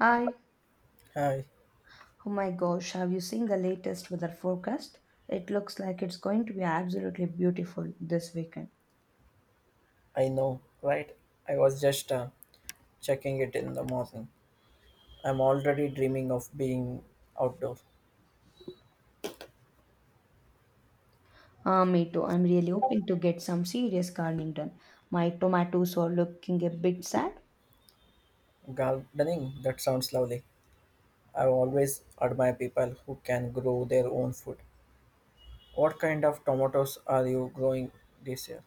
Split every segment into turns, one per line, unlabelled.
Hi.
Hi,
Oh my gosh, have you seen the latest weather forecast? It looks like it's going to be absolutely beautiful this weekend.
I know, right? I was just checking it in the morning. I'm already dreaming of being outdoor.
Ah, me too. I'm really hoping to get some serious gardening done. My tomatoes are looking a bit sad.
Gardening, that sounds lovely. I always admire people who can grow their own food. What kind of tomatoes are you growing this year?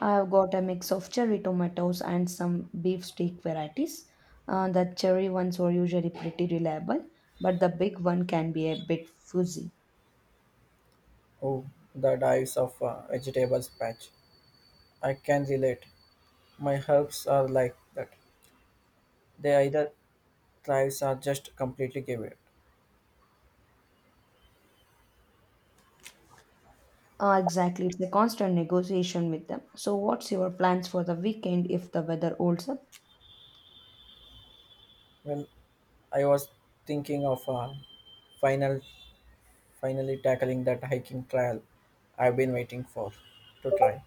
I have got a mix of cherry tomatoes and some beef steak varieties. The cherry ones are usually pretty reliable, but the big one can be a bit fuzzy.
Oh, the dives of vegetables patch. I can relate. My herbs are like that. They either thrives or just completely give it.
Exactly, it's a constant negotiation with them. So, what's your plans for the weekend if the weather holds up?
Well, I was thinking of a final finally tackling that hiking trail I've been waiting for to try.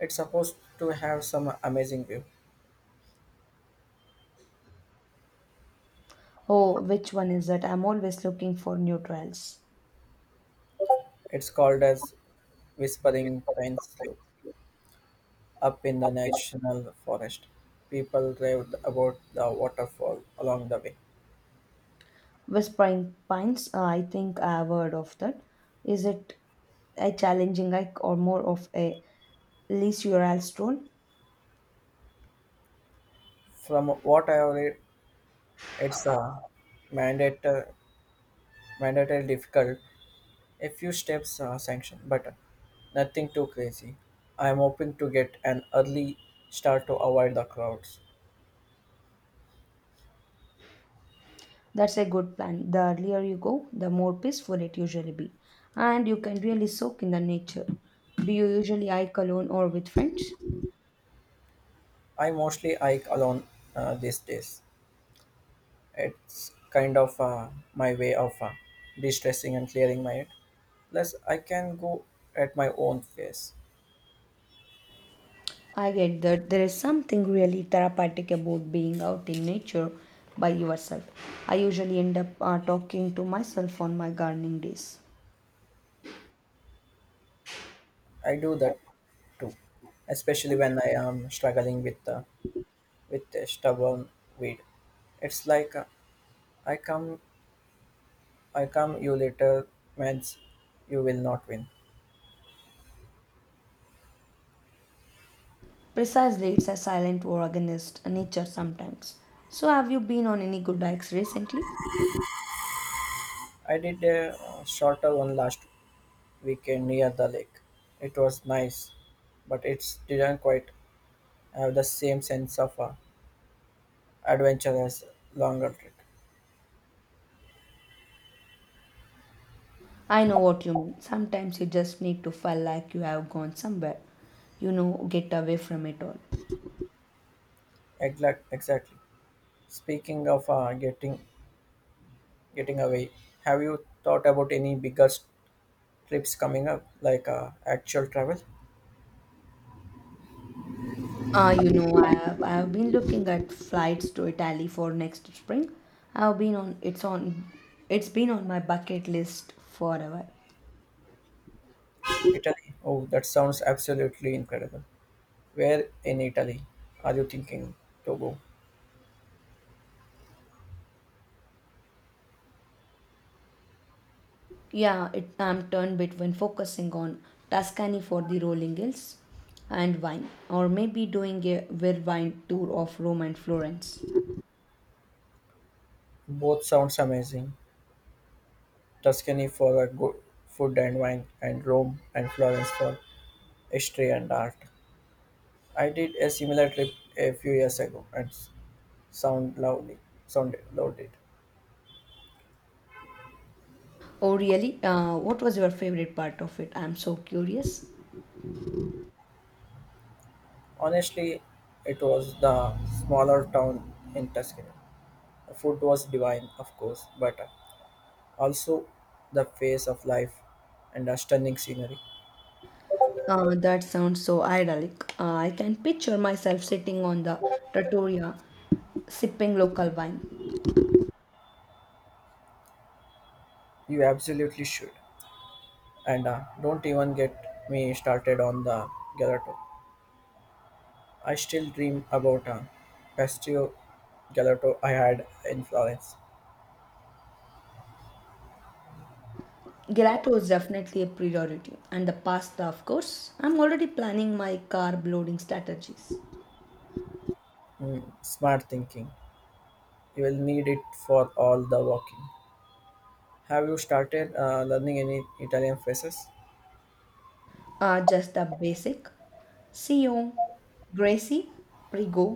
It's supposed to have some amazing view.
Oh, which one is it? I'm always looking for new trails.
It's called as Whispering Pines Loop up in the national forest. People raved about the waterfall along the way.
Whispering Pines, I think I've heard of that. Is it a challenging hike or more of a leisurely stroll?
From what I have read, it's a mandate, mandatory difficult, a few steps sanction, but nothing too crazy. I am hoping to get an early start to avoid the crowds.
That's a good plan. The earlier you go, the more peaceful it usually be. And you can really soak in the nature. Do you usually hike alone or with friends?
I mostly hike alone these days. It's kind of my way of de-stressing and clearing my head. Plus, I can go at my own pace.
I get that there is something really therapeutic about being out in nature by yourself. I usually end up talking to myself on my gardening days.
I do that too, especially when I am struggling with with a stubborn weed. It's like I come, I come, you later, means you will not win.
Precisely, it's a silent war against nature sometimes. So, have you been on any good hikes recently?
I did a shorter one last weekend near the lake. It was nice, but it didn't quite have the same sense of adventure as longer trip.
I know what you mean. Sometimes you just need to feel like you have gone somewhere, you know, get away from it all.
Exactly. Speaking of getting away, have you thought about any bigger trips coming up, like actual travel?
I have been looking at flights to Italy for next spring. I have been on it's been on my bucket list forever.
Italy. Oh, that sounds absolutely incredible. Where in Italy are you thinking to go?
I'm torn between focusing on Tuscany for the rolling hills and wine, or maybe doing a well wine tour of Rome and Florence.
Both sounds amazing. Tuscany for a good food and wine, and Rome and Florence for history and art. I did a similar trip a few years ago, and sound loudly sounded loaded.
Oh, really? What was your favorite part of it? I'm so curious.
Honestly, it was the smaller town in Tuscany. The food was divine, of course, but also the pace of life and the stunning scenery.
That sounds so idyllic. I can picture myself sitting on the trattoria sipping local wine.
You absolutely should. And don't even get me started on the gelato. I still dream about a pastio gelato I had in Florence.
Gelato is definitely a priority, and the pasta, of course. I'm already planning my carb loading strategies.
Mm, smart thinking. You will need it for all the walking. Have you started learning any Italian phrases?
Just the basic. CEO, Gracie, Prigo.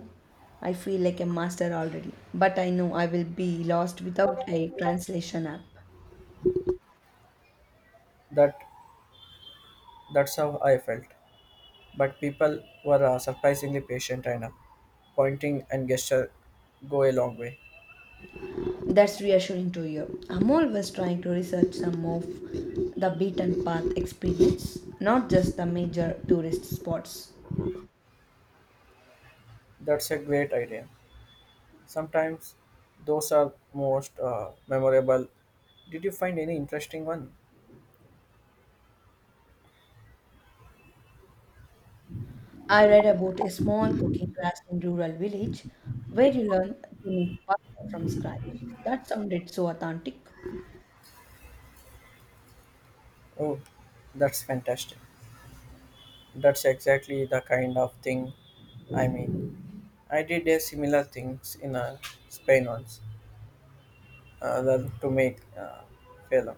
I feel like a master already, but I know I will be lost without a translation app.
That that's how I felt. But people were surprisingly patient and pointing and gesture go a long way.
That's reassuring to hear. I'm always trying to research some of the beaten path experience, not just the major tourist spots.
That's a great idea. Sometimes those are most memorable. Did you find any interesting one?
I read about a small cooking class in rural village where you learn to make pasta from scratch. That sounded so authentic.
Oh, that's fantastic. That's exactly the kind of thing I mean. I did a similar things in Spain once, learn to make film.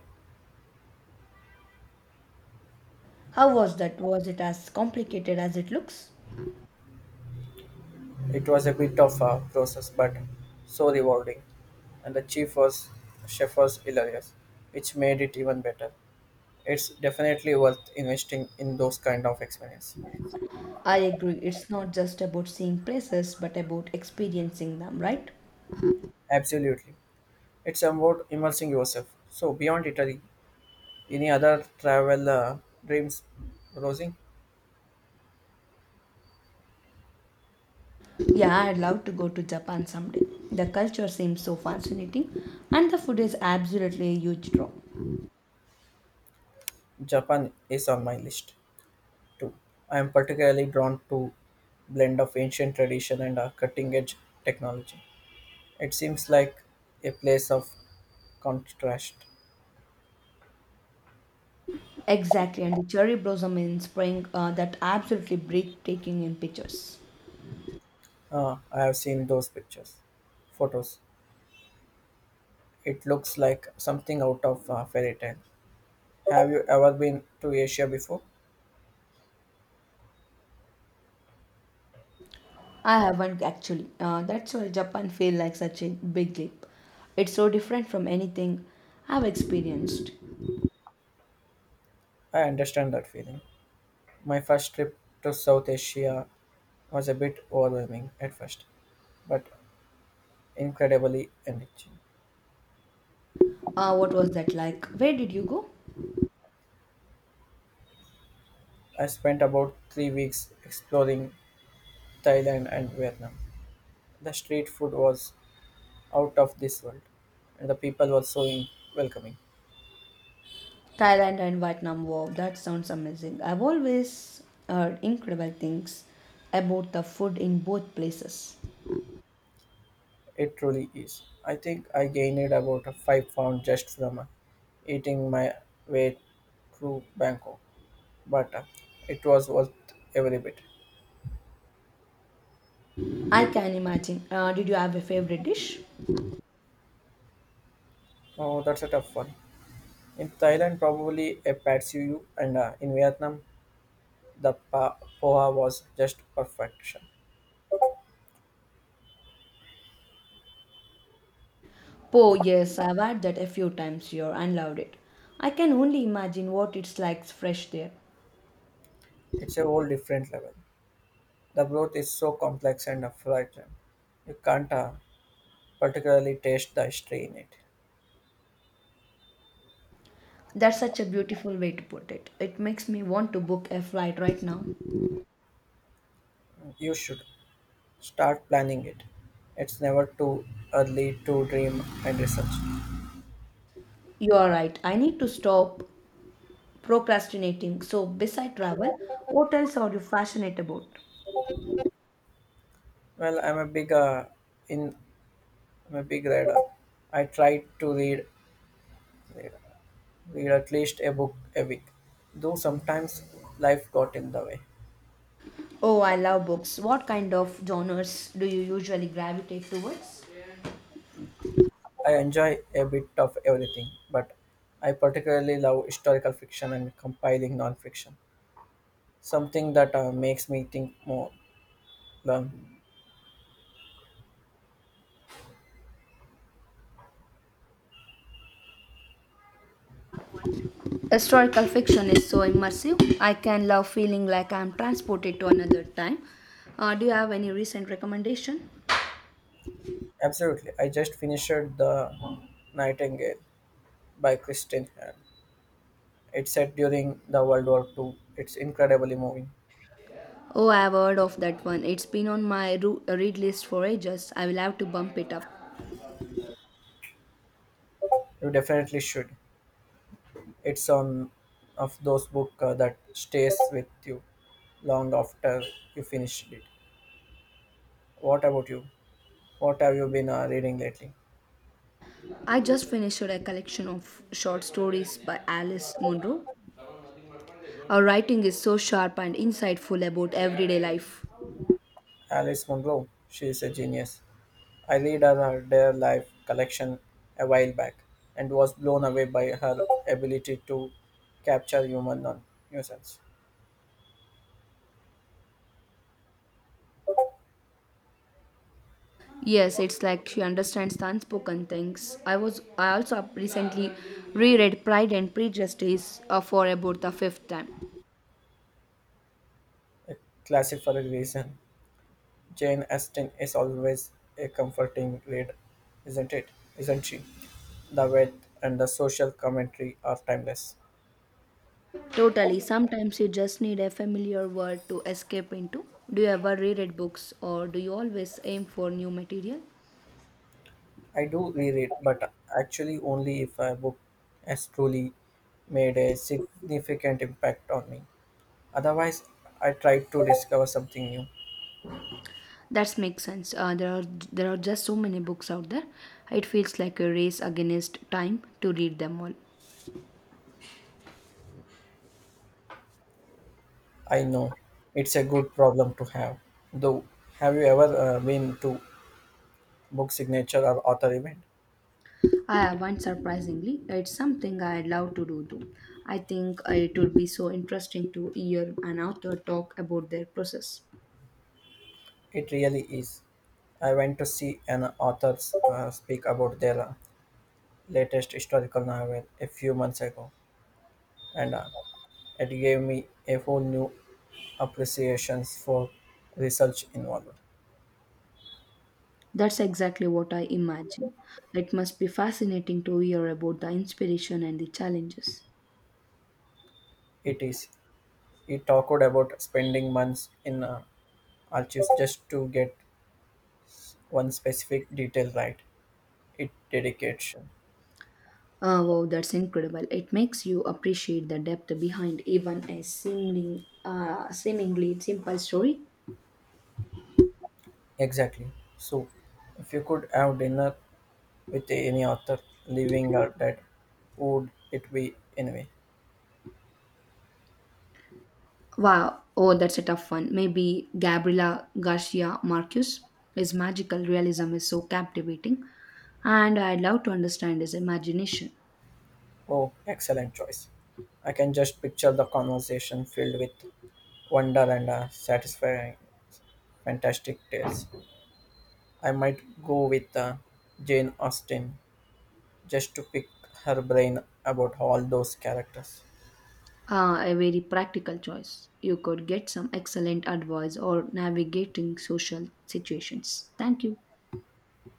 How was that? Was it as complicated as it looks?
It was a bit of a process, but so rewarding. And the chief was chef was hilarious, which made it even better. It's definitely worth investing in those kind of experience.
I agree. It's not just about seeing places, but about experiencing them, right?
Absolutely, it's about immersing yourself. So beyond Italy, any other travel dreams, Rosie?
Yeah, I'd love to go to Japan someday. The culture seems so fascinating, and the food is absolutely a huge draw.
Japan is on my list too. I am particularly drawn to blend of ancient tradition and cutting edge technology. It seems like a place of contrast.
Exactly, and the cherry blossom in spring, that absolutely breathtaking in pictures.
Ah, I have seen those photos. It looks like something out of a fairy tale. Have you ever been to Asia before?
I haven't actually. That's why Japan feels like such a big leap. It's so different from anything I've experienced.
I understand that feeling. My first trip to South Asia was a bit overwhelming at first, but incredibly enriching.
What was that like? Where did you go?
I spent about 3 weeks exploring Thailand and Vietnam. The street food was out of this world, and the people were so welcoming.
Thailand and Vietnam. Wow, that sounds amazing. I've always heard incredible things about the food in both places.
It truly is. I think I gained about a 5 pounds just from eating my way through Bangkok, but it was worth every bit.
I can imagine. Did you have a favorite dish?
Oh, that's a tough one. In Thailand, probably a pad see ew, and in Vietnam, the poha was just perfection.
Po, yes, I've had that a few times here and loved it. I can only imagine what it's like fresh there.
It's a whole different level. The broth is so complex and fragrant. You can't particularly taste the history in it.
That's such a beautiful way to put it. It makes me want to book a flight right now.
You should. Start planning it. It's never too early to dream and research.
You are right. I need to stop procrastinating. So, beside travel, what else are you passionate about?
Well, in I'm a big reader. I try to read at least a book a week. Though sometimes life got in the way.
Oh, I love books. What kind of genres do you usually gravitate towards?
I enjoy a bit of everything, but I particularly love historical fiction and compiling non-fiction. Something that makes me think more, learn.
Historical fiction is so immersive. I can love feeling like I'm transported to another time. Do you have any recent recommendation?
Absolutely. I just finished The Nightingale by Kristen Hahn. It's set during the World War Two. It's incredibly moving.
Oh, I've heard of that one. It's been on my read list for ages. I will have to bump it up.
You definitely should. It's one of those books that stays with you long after you finished it. What about you? What have you been reading lately?
I just finished a collection of short stories by Alice Munro. Her writing is so sharp and insightful about everyday life.
Alice Munro, she is a genius. I read her Dare Life collection a while back and was blown away by her ability to capture human nuisance.
Yes, it's like she understands the unspoken things. I also recently reread Pride and Prejudice for about the fifth time.
A classic for a reason. Jane Austen is always a comforting read, isn't it? Isn't she? The wit and the social commentary are timeless.
Totally. Sometimes you just need a familiar world to escape into. Do you ever reread books or do you always aim for new material?
I do reread, but actually only if a book has truly made a significant impact on me. Otherwise, I try to discover something new.
That makes sense. There are there are just so many books out there. It feels like a race against time to read them all.
I know it's a good problem to have. Though, have you ever been to book signature or author event?
I haven't surprisingly. It's something I love to do though. I think it would be so interesting to hear an author talk about their process.
It really is. I went to see an author speak about their latest historical novel a few months ago, and it gave me a whole new appreciation for research involved.
That's exactly what I imagine. It must be fascinating to hear about the inspiration and the challenges.
It is. He talked about spending months in archives just to get one specific detail right. It dedication.
Wow, that's incredible. It makes you appreciate the depth behind even a seemingly simple story.
Exactly. So, if you could have dinner with any author, living or dead, would it be anyway?
Wow, oh, that's a tough one. Maybe Gabriela Garcia Marquez. His magical realism is so captivating, and I'd love to understand his imagination.
Oh, excellent choice. I can just picture the conversation filled with wonder and satisfying fantastic tales. I might go with Jane Austen just to pick her brain about all those characters.
Ah, a very practical choice. You could get some excellent advice or navigating social situations. Thank you.